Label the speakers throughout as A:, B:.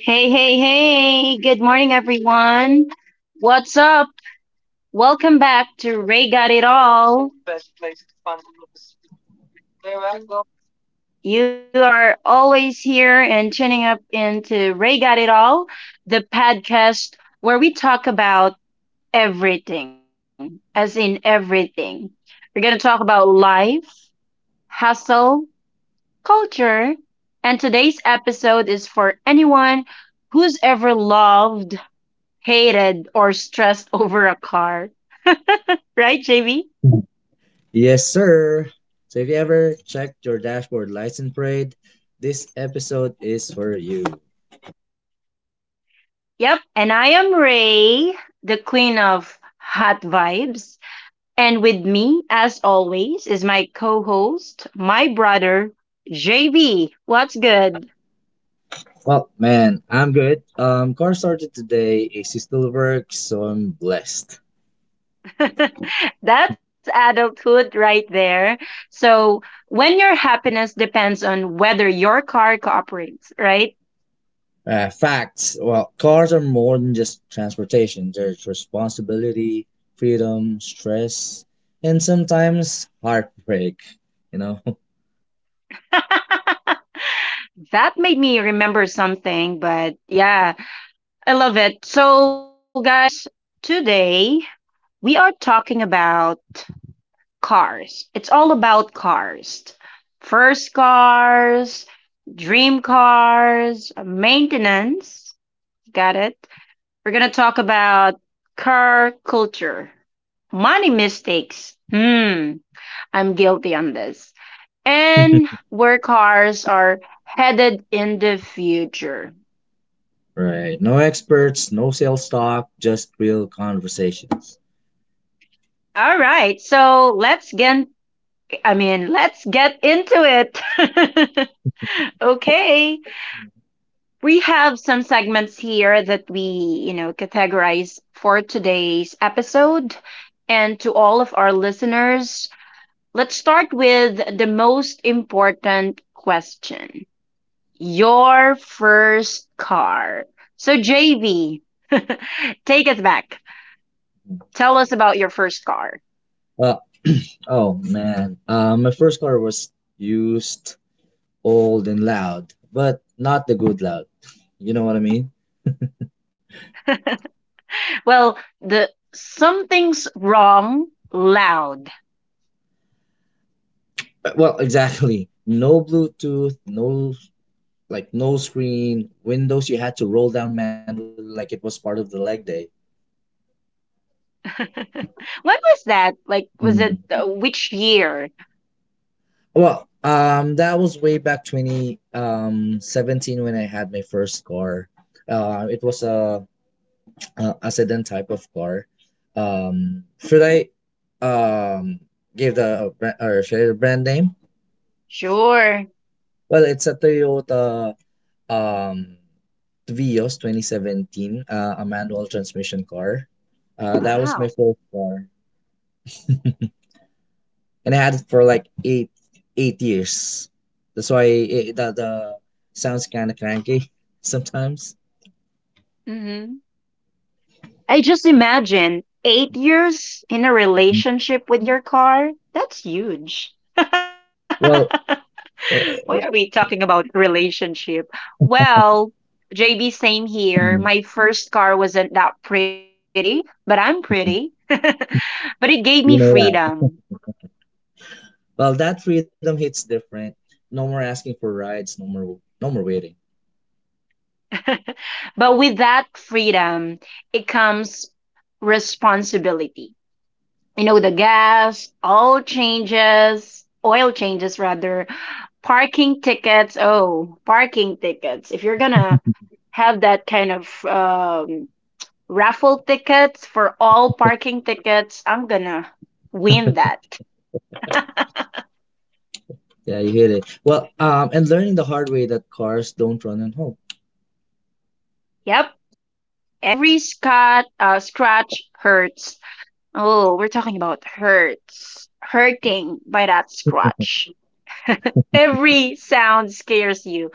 A: Hey, hey, hey. Good morning, everyone. What's up? Welcome back to Ray Got It All. You are always here and tuning up into Ray Got It All, the podcast where we talk about everything, as in everything. We're going to talk about life, hustle, culture, and today's episode is for anyone who's ever loved hated or stressed over a car. Right, JB?
B: Yes, sir. So if you ever checked your dashboard lights and prayed, this episode is for you.
A: Yep. And I am Ray, the queen of hot vibes. And with me, as always, is my co host, my brother, JB. What's good?
B: Well, man, I'm good. Car started today. AC still works, so I'm blessed.
A: That's adulthood right there. So, when your happiness depends on whether your car cooperates, right?
B: Facts. Well, cars are more than just transportation. There's responsibility, freedom, stress, and sometimes heartbreak. You know.
A: that made me remember something, but yeah. I love it. So, guys, today we are talking about cars. It's all about cars. First cars, dream cars, maintenance. Got it? We're going to talk about car culture, money mistakes. Hmm, I'm guilty on this. And where cars are headed in the future.
B: Right. No experts, no sales talk, just real conversations.
A: All right, so let's get into it. Okay. We have some segments here that we, you know, categorize for today's episode. And to all of our listeners, let's start with the most important question your first car. So, JV, take us back. Tell us about your first car.
B: Uh, oh man. My first car was used, old, and loud, but not the good loud. You know what I mean?
A: Well, the something's wrong loud.
B: Exactly. No Bluetooth, no screen, windows you had to roll down manually like it was part of the leg day.
A: When was that? Like, was
B: Mm.
A: it which year?
B: Well, that was way back 20, 17 when I had my first car. It was a sedan type of car. Should I um give the brand or share the brand name?
A: Sure.
B: Well, it's a Toyota um Vios 2017, a manual transmission car. That was my
A: Wow.
B: first car, and I had it for like eight years. That's why it, the sounds kind of cranky sometimes.
A: hmm I just imagine 8 years in a relationship with your car. That's huge. Why
B: Well, eh,
A: are we
B: eh,
A: talking about relationship? Well, JB, same here. My first car wasn't that pretty, but I'm pretty.
B: eh,
A: But it gave me
B: you know
A: freedom.
B: that. Well, that freedom hits different. No more asking for rides, no more waiting.
A: But with that freedom, it comes responsibility. You know, the gas, all changes, oil changes rather, parking tickets. Oh, parking tickets. If you're gonna have that kind of raffle tickets for all parking tickets, I'm gonna win that.
B: Yeah, you hit it. Well, and learning the hard way that cars don't run on hope.
A: Yep. Every scratch hurts. Oh, we're talking about hurts. Hurting by that scratch. Every sound scares you.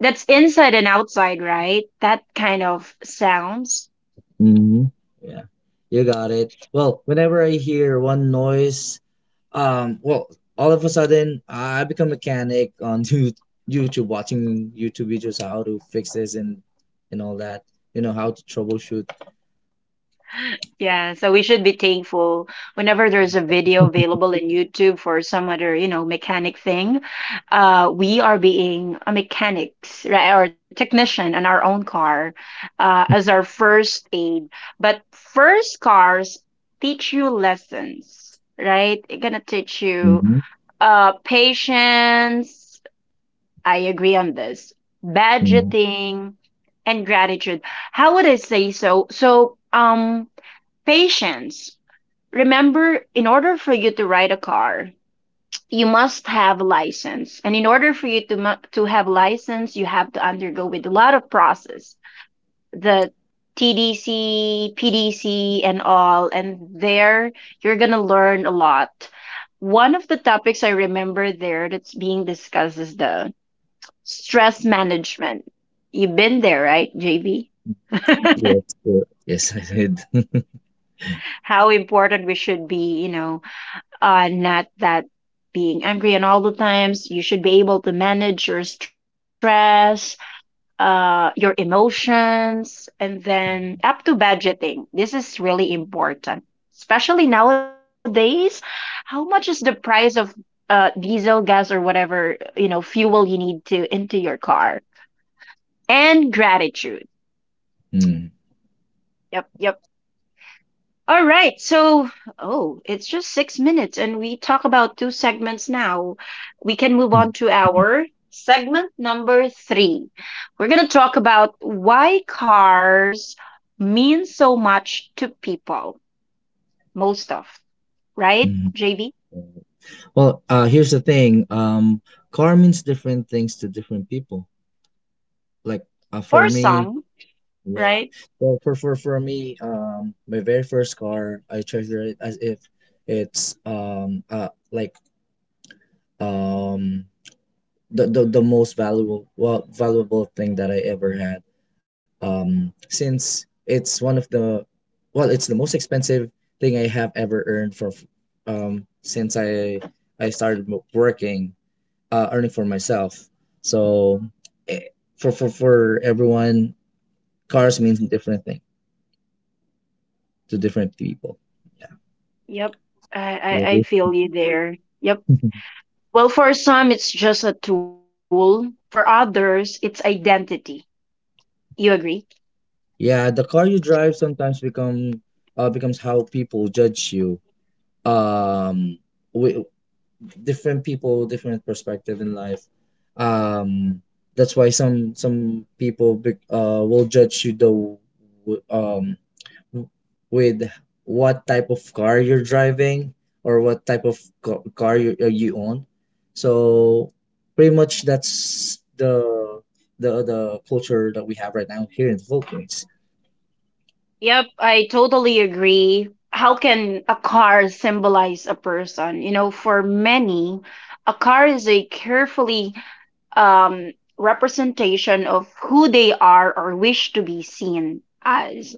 A: That's inside and outside, right? That kind of sounds.
B: hmm Yeah, you got it. Well, whenever I hear one noise, um, well, all of a sudden I become mechanic on YouTube, watching YouTube videos how to fix this and all that. You know how to troubleshoot.
A: Yeah, so we should be thankful whenever there's a video available in YouTube for some other, you know, mechanic thing. We are being a mechanics, right, or technician on our own car, as our first aid. But first cars teach you lessons, right? It's gonna teach you
B: hmm
A: patience. I agree on this.
B: hmm
A: Budgeting and gratitude. How would I say so? So, patience. Remember, in order for you to ride a car, you must have license. And in order for you to have license, you have to undergo with a lot of process. The TDC, PDC, and all. And there, you're gonna learn a lot. One of the topics I remember there that's being discussed is the stress management. You've been there, right, JB?
B: Yes, yes. Yes, I did.
A: How important we should be, you know, not that being angry and all the times. You should be able to manage your stress, your emotions, and then up to budgeting. This is really important, especially nowadays. How much is the price of diesel, gas, or whatever you know fuel you need to into your car? And gratitude. Yep, yep. All right. So, oh, it's just 6 minutes, and we talk about two segments now. We can move
B: Hmm.
A: on to our segment number three. We're going to talk about why cars mean so much to people, most of, right,
B: Mhm.
A: JV?
B: Well, here's the thing. Car means different things to different people. Like,
A: For
B: for me,
A: some,
B: yeah.
A: right?
B: Well, for me, my very first car, I treasure it as if it's um the most valuable, valuable thing that I ever had. Since it's one of the, well, it's the most expensive thing I have ever earned for since I started working, earning for myself. So eh, for everyone, cars means different thing to different people.
A: Yep. I,
B: Yeah.
A: I, I feel you there. Yep.
B: Yeah.
A: Well, for some, it's just a tool. For others, it's identity. You agree?
B: Yeah, the car you drive sometimes becomes how people judge you. Um, wi- Different people, different perspective in life. Um, that's why some people will judge you the w- with what type of car you're driving or what type of car you, you own. So pretty much that's the culture that we have right now here in the Philippines.
A: Yep, I totally agree. How can a car symbolize a person? You know, for many, a car is a carefully representation of who they are or wish to be seen as.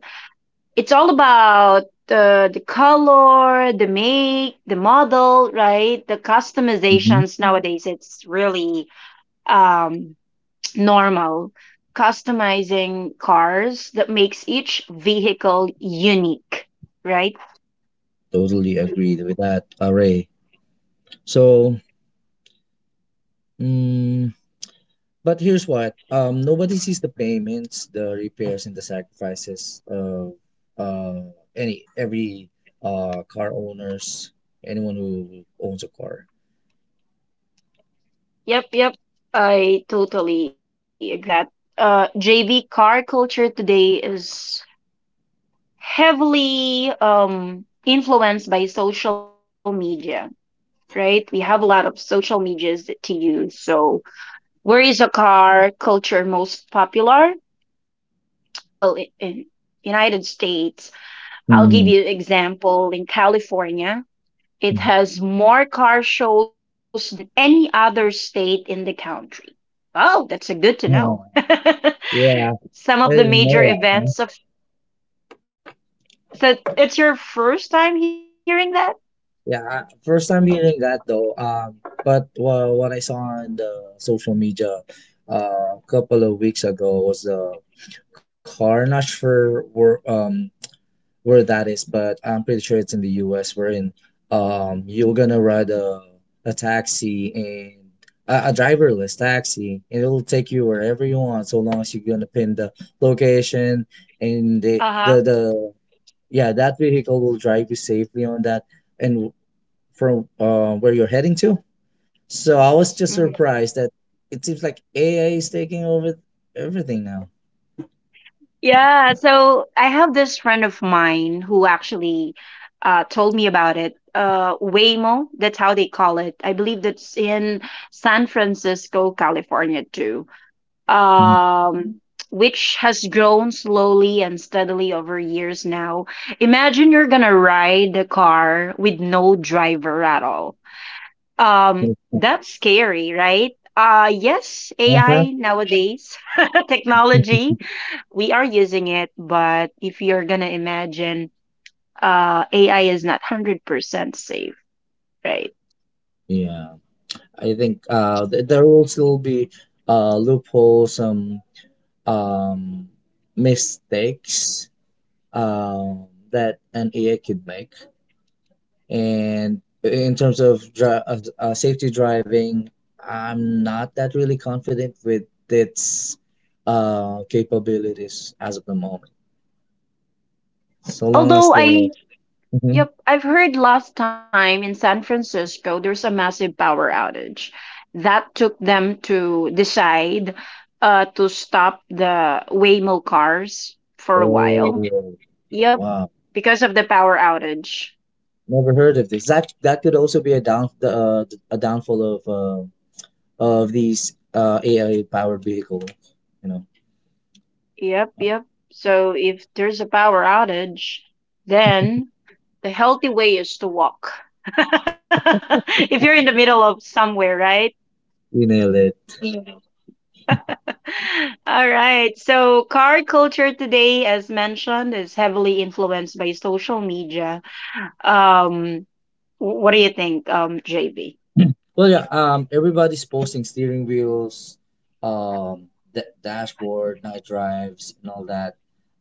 A: It's all about the color, the make, the model, right? The
B: Mhm.
A: customizations nowadays, it's really um, normal, customizing cars that makes each vehicle unique, right?
B: Totally agreed with that, Array. So, mm, But here's what, nobody sees the payments, the repairs, and the sacrifices of uh, any every car owners, anyone who owns a car.
A: Yep, yep. I totally agree with that. JV, car culture today is heavily influenced by social media, right? We have a lot of social medias to use. So, where is a car culture most popular? Well, in United States, I'll give you
B: Mhm.
A: example in California. It has more car shows than any other state in the country. Oh, that's a good to know.
B: Mhm. Yeah,
A: Some of the
B: I
A: major
B: didn't know that,
A: events of
B: huh?
A: yep. So it's your first time hearing that?
B: Yeah, I- first time hearing that though. But what I saw on the social media a couple of weeks ago was the car, not for were where that is, but I'm pretty sure it's in the US wherein you're gonna ride a taxi, and a driverless taxi, and it'll take you wherever you want so long as you're gonna pin the location and
A: Uh-huh.
B: the yeah, that vehicle will drive you safely on that and from, where you're heading to. So I was just
A: Mhm.
B: surprised that it seems like AI is taking over everything now.
A: Yeah, so I have this friend of mine who actually told me about it. Waymo, that's how they call it. I believe that's in San Francisco, California, too.
B: Mhm.
A: um, which has grown slowly and steadily over years now. Imagine you're gonna ride a car with no driver at all. That's scary, right? Yes, AI nowadays, technology, we are using it, but if you're gonna imagine, AI is not 100% safe, right?
B: Yeah. I think th there will still be loopholes, some, um, mistakes, um, that an AI could make. And in terms of safety driving, I'm not that really confident with its capabilities as of the moment. So long as
A: Although
B: the
A: I
B: Mhm.
A: Yep, I've heard last time in San Francisco there's a massive power outage that took them to decide to stop the Waymo cars for a while.
B: Oh,
A: Yep,
B: wow,
A: because of the power outage.
B: never heard of this. That that could also be a downfall of these AI powered vehicles. You know,
A: Yep, yep. So if there's a power outage, then the healthy way is to walk. If you're in the middle of somewhere, right?
B: we nailed it.
A: All right. So, car culture today, as mentioned, is heavily influenced by social media. Um, what do you think, JB?
B: Well, yeah. Everybody's posting steering wheels, um, the dashboard, night drives, and all that.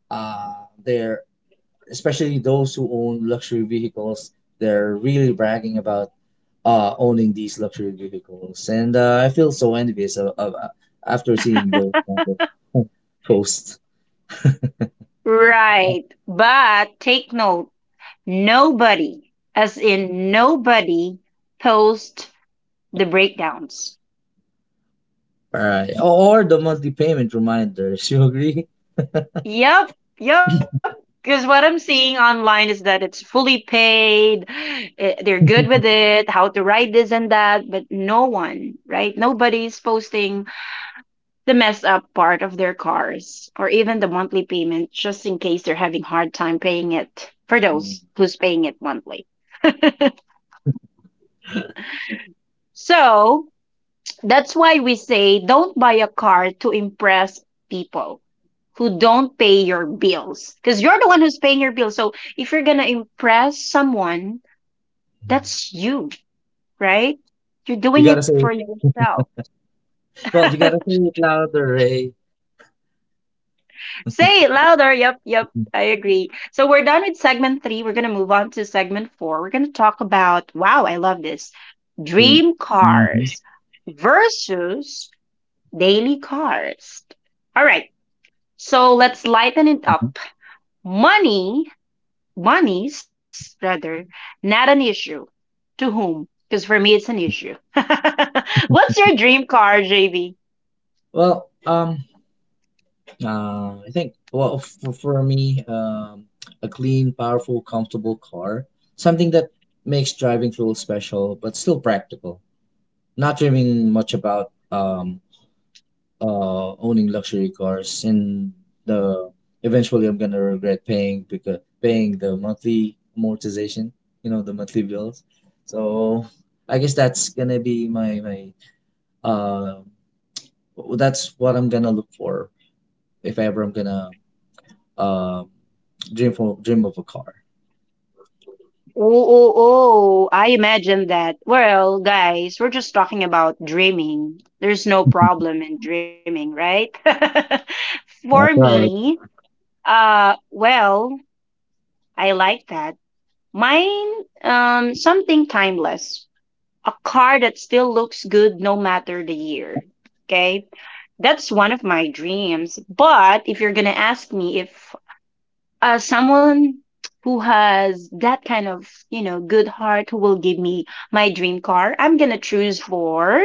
B: Uh, they're Especially those who own luxury vehicles. They're really bragging about owning these luxury vehicles, and I feel so envious of after seeing those kind of posts.
A: Right. But take note, nobody, as in nobody, post the breakdowns.
B: All right, or the monthly payment reminders. You agree?
A: Yep, yep. Because what I'm seeing online is that it's fully paid. They're good with it, how to write this and that, but no one, right? Nobody's posting the messed up part of their cars or even the monthly payment just in case they're having hard time paying it for
B: Mm.
A: those who's paying it monthly. So that's why we say don't buy a car to impress people who don't pay your bills because you're the one who's paying your bills. So if you're going to impress someone, that's you, right? You're
B: You
A: doing
B: gotta
A: it
B: say
A: for
B: it.
A: yourself.
B: Well, you gotta say it louder, Ray.
A: Say it louder. Yep, yep.
B: Mm,
A: I agree. So we're done with segment three. We're gonna move on to segment four. We're gonna talk about wow, I love this. Dream
B: mhm,
A: cars versus daily cars. All right. So let's lighten it
B: mhm.
A: up. Money, monies rather, not an issue. To whom? Because for me it's an issue. What's your dream car, JB?
B: Well, uh, I think, well, for me, a clean, powerful, comfortable car, something that makes driving feel special but still practical. Not dreaming much about owning luxury cars and the eventually I'm gonna regret paying, because paying the monthly amortization, you know, the monthly bills. So I guess that's gonna be my my uh that's what I'm gonna look for if ever I'm gonna um dream for, dream of a car.
A: Oh, oh, oh, I imagine that. Well, guys, we're just talking about dreaming. There's no problem in dreaming, right? For
B: That's right.
A: me, well, I like that. Mine, something timeless. A car that still looks good no matter the year. Okay? That's one of my dreams. But if you're gonna ask me if as someone who has that kind of, you know, good heart who will give me my dream car, I'm going to choose for,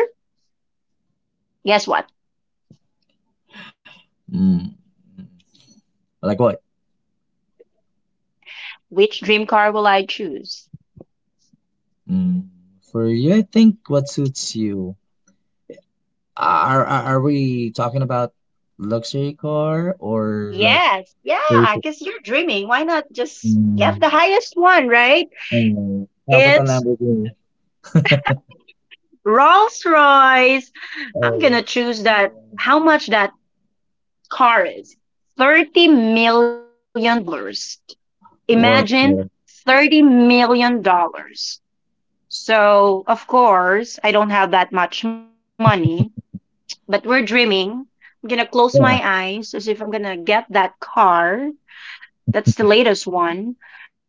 A: guess what?
B: Mm. Like what?
A: Which dream car will I choose?
B: Mm. For you, I think what suits you. Are we talking about luxury car or like
A: Yes. Yeah.
B: Grateful.
A: Because you're dreaming. Why not just
B: Mm.
A: get the highest one, right?
B: Oh, dapat ang
A: It's
B: Lamborghini.
A: Rolls Royce. I'm going to
B: Oh,
A: choose that.
B: yeah.
A: How much that car is? $30 million dollars.
B: What
A: Imagine
B: the
A: $30 million dollars. So, of course, I don't have that much money, but we're dreaming. I'm gonna close my
B: fuck?
A: eyes as if I'm gonna get that car. That's the latest one.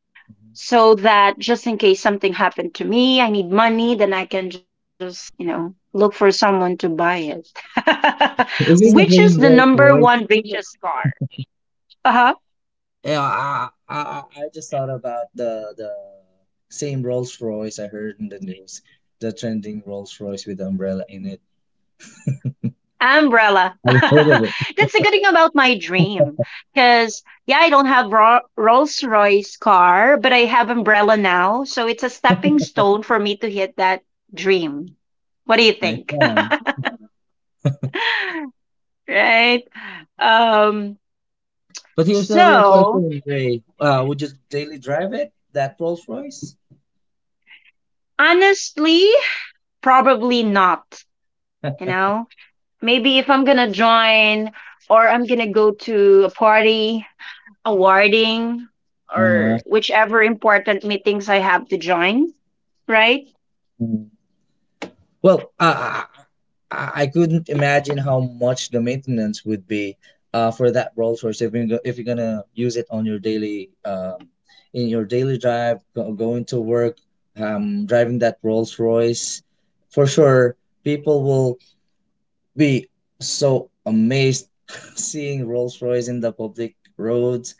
A: So that just in case something happened to me, I need money, then I can just, you know, look for someone to buy it.
B: Is
A: Which
B: this
A: is
B: the
A: the
B: same
A: number
B: Rolls
A: one
B: Royce?
A: biggest car? Uh huh.
B: Yeah, I just thought about the same Rolls Royce I heard in the news. The trending Rolls Royce with the umbrella in it.
A: Umbrella.
B: I've heard of it.
A: That's a good thing about my dream. Because, yeah, I don't have Rolls Royce car, but I have umbrella now. So it's a stepping stone for me to hit that dream. What do you
B: Nice
A: think?
B: plan.
A: Right? Um,
B: But here's the real
A: so,
B: question, Ray. Would you daily drive it? That Rolls Royce?
A: honestly, probably not. You know, maybe if I'm going to join or I'm going to go to a party awarding or
B: Uh-huh.
A: whichever important meetings I have to join, right?
B: Well, I couldn't imagine how much the maintenance would be for that Rolls Royce if you're, if you're gonna use it on your daily in your daily drive, going to work, driving that Rolls Royce. For sure, people will be so amazed seeing Rolls Royce in the public roads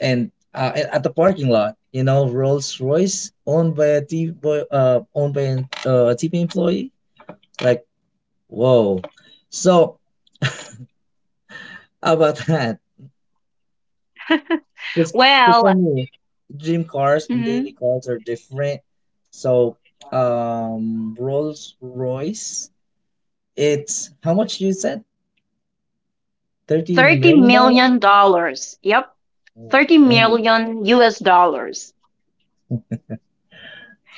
B: and, at the parking lot. You know, Rolls Royce owned by owned by an, a T P employee. Like Whoa. So how about that? Because for
A: Well,
B: me, dream cars
A: mhm,
B: and daily cars are different. So Rolls Royce, it's how much you said? Thirty
A: $30
B: million dollars?
A: million dollars. Yep,
B: Oh
A: 30
B: man.
A: million US dollars.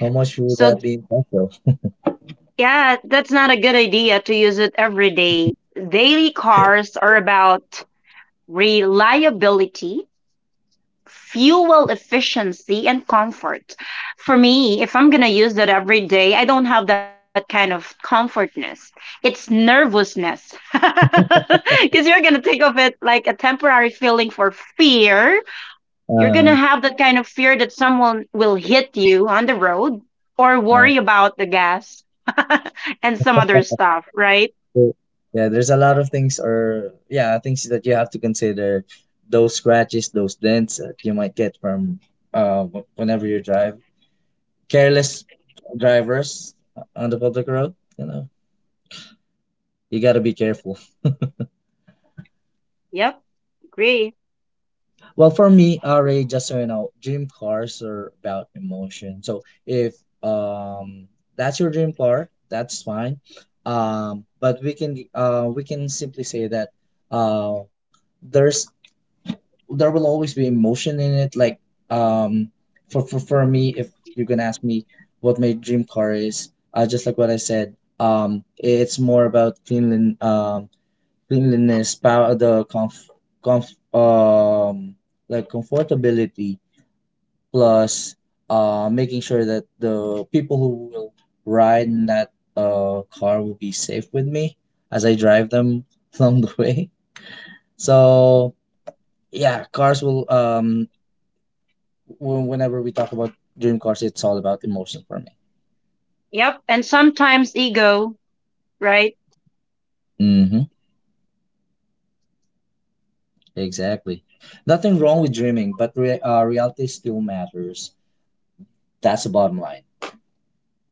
B: How much will
A: So,
B: that be in cost though?
A: yeah, that's not a good idea to use it every day. Daily cars are about reliability fuel efficiency and comfort. For me, if I'm going to use that every day, I don't have that kind of comfortness. It's nervousness. Because you're going to think of it like a temporary feeling for fear. You're going to
B: Uh,
A: have that kind of fear that someone will hit you on the road or
B: uh,
A: worry about the gas and some other stuff, right?
B: So, Yeah, there's a lot of things, or yeah, things that you have to consider. Those scratches, those dents that you might get from whenever you drive. Careless drivers on the public road, you know, you gotta be careful.
A: Yep, agree.
B: Well, for me, RA, just so you know, dream cars are about emotion. So if um that's your dream car, that's fine. But we can simply say that uh there's there will always be emotion in it. Like, um, for for me, if you are gonna ask me what my dream car is, just like what I said, it's more about cleanliness, power, the comf um comfortability plus making sure that the people who will ride in that car will be safe with me as I drive them along the way. So yeah, cars will Whenever we talk about dream cars, it's all about emotions for me.
A: Yep, and sometimes ego, right?
B: Mm-hmm. Exactly. Nothing wrong with dreaming, but re reality still matters. That's the bottom line.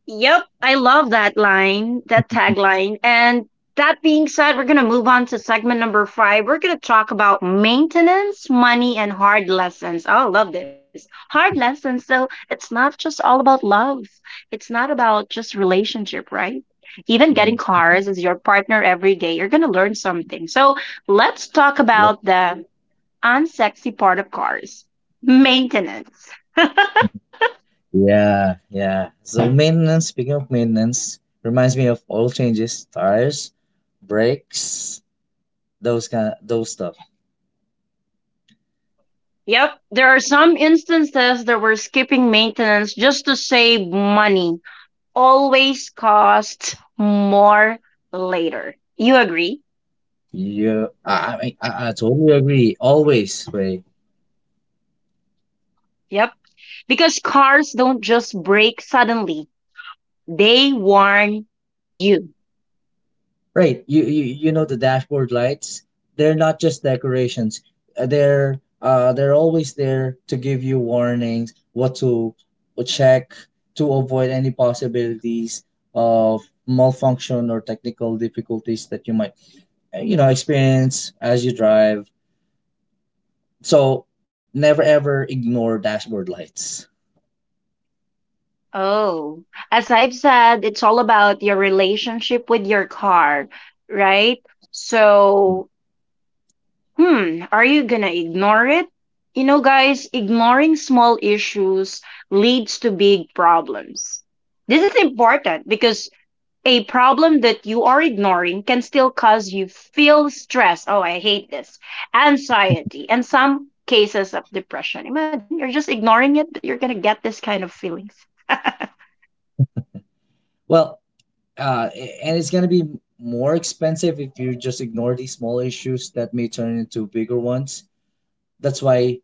A: Yep, I love that line, that tagline. And that being said, we're going to move on to segment number five. We're going to talk about maintenance, money, and hard lessons. Oh, I love this. Hard lessons. So it's not just all about love, it's not about just relationship, right? Even getting
B: Mm,
A: cars as your partner every day, you're going to learn something. So let's talk about the unsexy part of cars maintenance.
B: Yeah, yeah. So maintenance, speaking of maintenance, reminds me of oil changes, tires, brakes, those kind, those stuff.
A: Yep, there are some instances that we're skipping maintenance just to save money. Always costs more later. You agree?
B: You, I, mean, I totally agree. Always, Ray.
A: Yep. Because cars don't just break suddenly, they warn you.
B: Right. You know the dashboard lights, they're not just decorations. They're always there to give you warnings, what to check to avoid any possibilities of malfunction or technical difficulties that you might, you know, experience as you drive. So never ever ignore dashboard lights.
A: Oh, as I've said, it's all about your relationship with your car, right? So hmm, are you gonna ignore it? You know, guys, ignoring small issues leads to big problems. This is important because a problem that you are ignoring can still cause you feel stress. Oh, I hate this. Anxiety and some cases of depression. Imagine you're just ignoring it, but you're gonna get this kind of feelings.
B: Well, uh, and it's gonna be more expensive if you just ignore these small issues that may turn into bigger ones. That's why,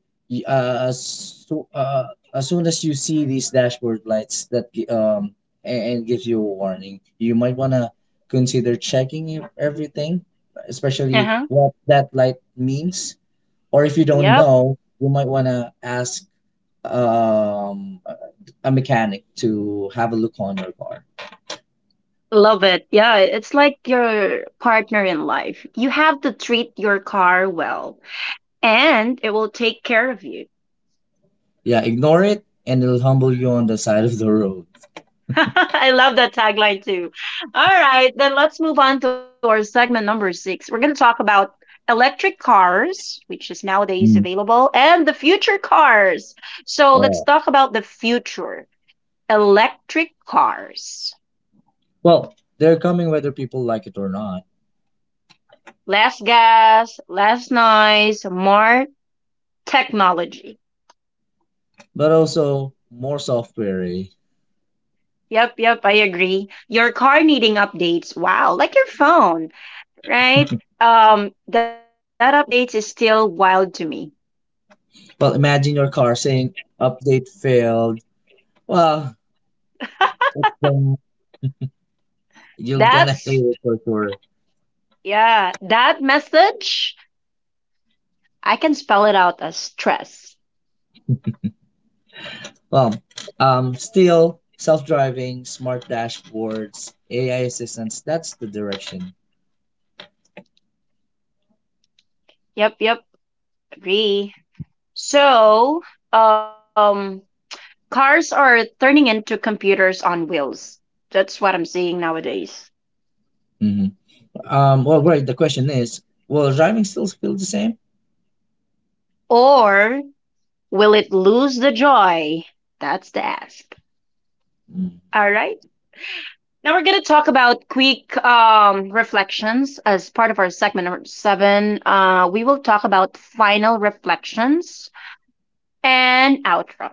B: uh, so, uh, as soon as you see these dashboard lights that gi- a- and gives you a warning, you might wanna consider checking if everything, especially
A: Uh-huh.
B: what that light means. Or if you don't
A: Yep.
B: know, you might wanna ask um a mechanic to have a look on your car.
A: Love it. Yeah, it's like your partner in life. You have to treat your car well and it will take care of you.
B: Yeah, ignore it and it'll humble you on the side of the road.
A: I love that tagline too. All right, then let's move on to our segment number six. We're going to talk about electric cars, which is nowadays
B: Mm,
A: available, and the future cars. So let's
B: yeah.
A: talk about the future electric cars.
B: Well, they're coming whether people like it or not.
A: Less gas, less noise, more technology.
B: But also more software. Eh?
A: Yep, yep, I agree. Your car needing updates. Wow, like your phone. Right? That update is still wild to me.
B: Well, imagine your car saying update failed. Well, it's, you're gonna hate
A: That's
B: it for sure.
A: yeah, that message I can spell it out as stress.
B: Well, still self-driving, smart dashboards, AI assistants. That's the direction.
A: Yep, yep, agree. So, um, cars are turning into computers on wheels. That's what I'm seeing nowadays.
B: hmm right. The question is, will driving still feel the same?
A: Or will it lose the joy? That's the ask.
B: Mm.
A: All right. Now we're going to talk about quick reflections as part of our segment number seven. We will talk about final reflections and outro.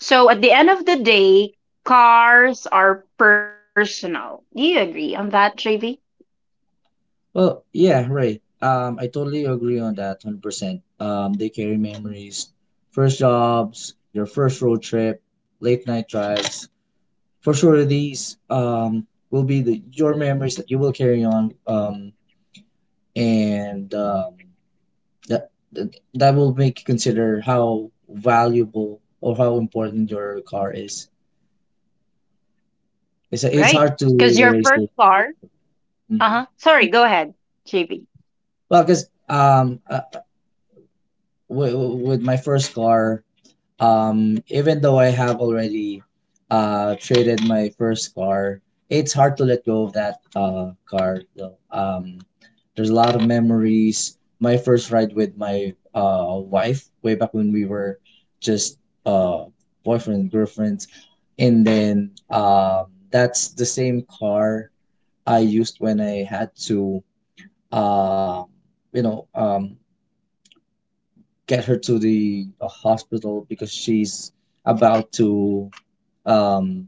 A: So at the end of the day, cars are personal. Do you agree on that, JV?
B: Well, yeah, right. I totally agree on that, 100%. They carry memories, first jobs, your first road trip, late night drives, for sure these will be the your memories that you will carry on, and that will make you consider how valuable or how important your car is. it's
A: Right.
B: it's hard to
A: Because your first
B: always say.
A: car. Uh
B: hmm
A: huh. Sorry, go ahead, JV.
B: well, because with my first car, even though I have already traded my first car, it's hard to let go of that car though. There's a lot of memories. My first ride with my wife way back when we were just uh boyfriend and girlfriends, and then that's the same car I used when I had to uh you know, get her to the, hospital because she's about to, um,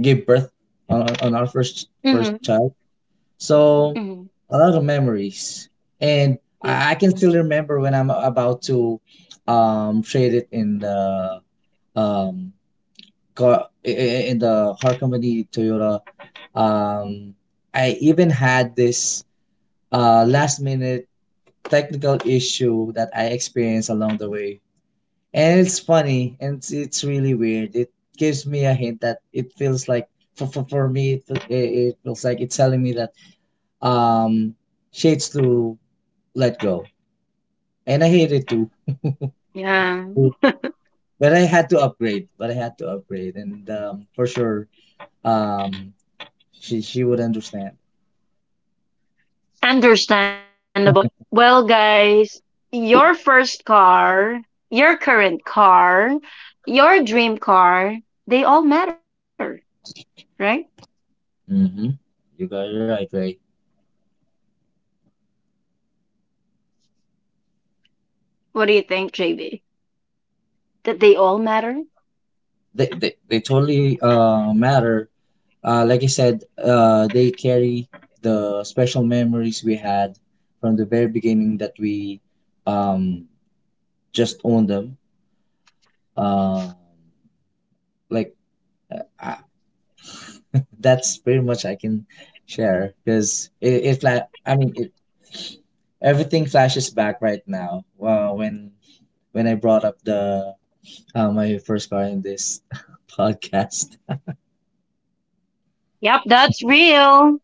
B: give birth on our first
A: Mm
B: child. So
A: hmm. Mm hmm.
B: a lot of memories, and I
A: Yeah.
B: can still remember when I'm about to, trade it in the, um, car I- in the car company Toyota. Um, I even had this, last minute technical issue that I experienced along the way, and it's funny, and it's really weird. It gives me a hint that it feels like for me it, fe- it feels like it's telling me that um shades to let go, and I hate it too,
A: Yeah.
B: but I had to upgrade, and for sure um she would understand.
A: Understandable. Yep. Well, guys, your first car, your current car, your dream car, they all matter, right?
B: Mm-hmm. You got it right, Ray.
A: What do you think, JB? That they all matter?
B: They totally matter. Like I said, they carry the special memories we had from the very beginning that we, um, just owned them. Um like uh, that's pretty much I can share because it fla- I mean it, everything flashes back right now. Wow, when I brought up the, my first car in this podcast.
A: Yep, that's real.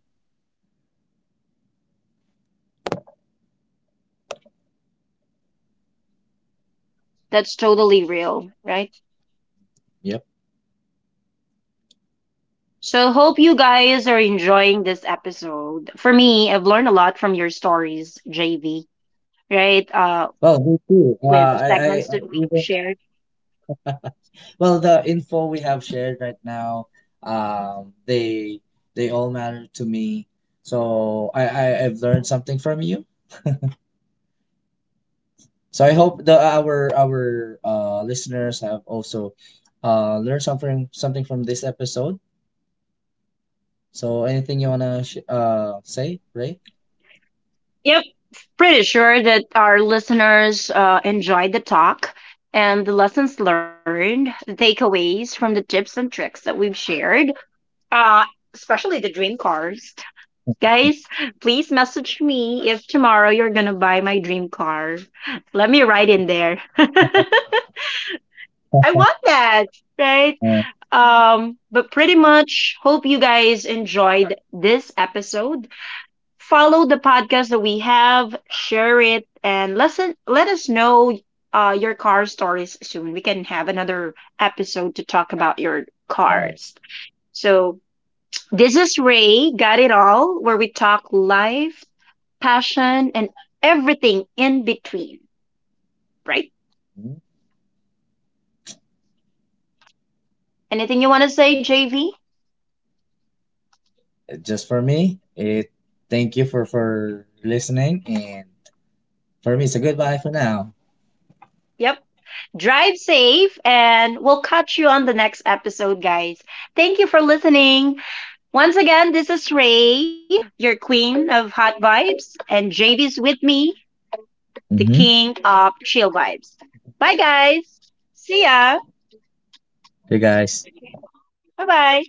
A: That's totally real, right?
B: Yep.
A: So, hope you guys are enjoying this episode. For me, I've learned a lot from your stories, JV. Right?
B: Well, me
A: With the
B: too.
A: segments that we've shared.
B: Even the info we have shared right now, um they they all matter to me. So I I've learned something from you. So I hope the our listeners have also learned something from this episode. So anything you wanna say, Ray?
A: Yep, pretty sure that our listeners enjoyed the talk and the lessons learned, the takeaways from the tips and tricks that we've shared, uh, especially the dream cars. Guys, please message me if tomorrow you're going to buy my dream car. Let me write in there. I want that, right? But pretty much hope you guys enjoyed this episode follow the podcast that we have, share it, and listen. Let us know your car stories soon. We can have another episode to talk about your cars.
B: Uh,
A: So this is Ray. Got it all, where we talk life, passion, and everything in between. Right? Anything you want to say, JV?
B: just for me, it thank you for listening, and for me, it's a goodbye for now.
A: Yep. Drive safe, and we'll catch you on the next episode, guys. Thank you for listening. Once again, this is Ray, your queen of hot vibes, and JV's with me, the king
B: Mm-hmm.
A: of chill vibes. Bye, guys. See ya.
B: You guys.
A: Bye bye.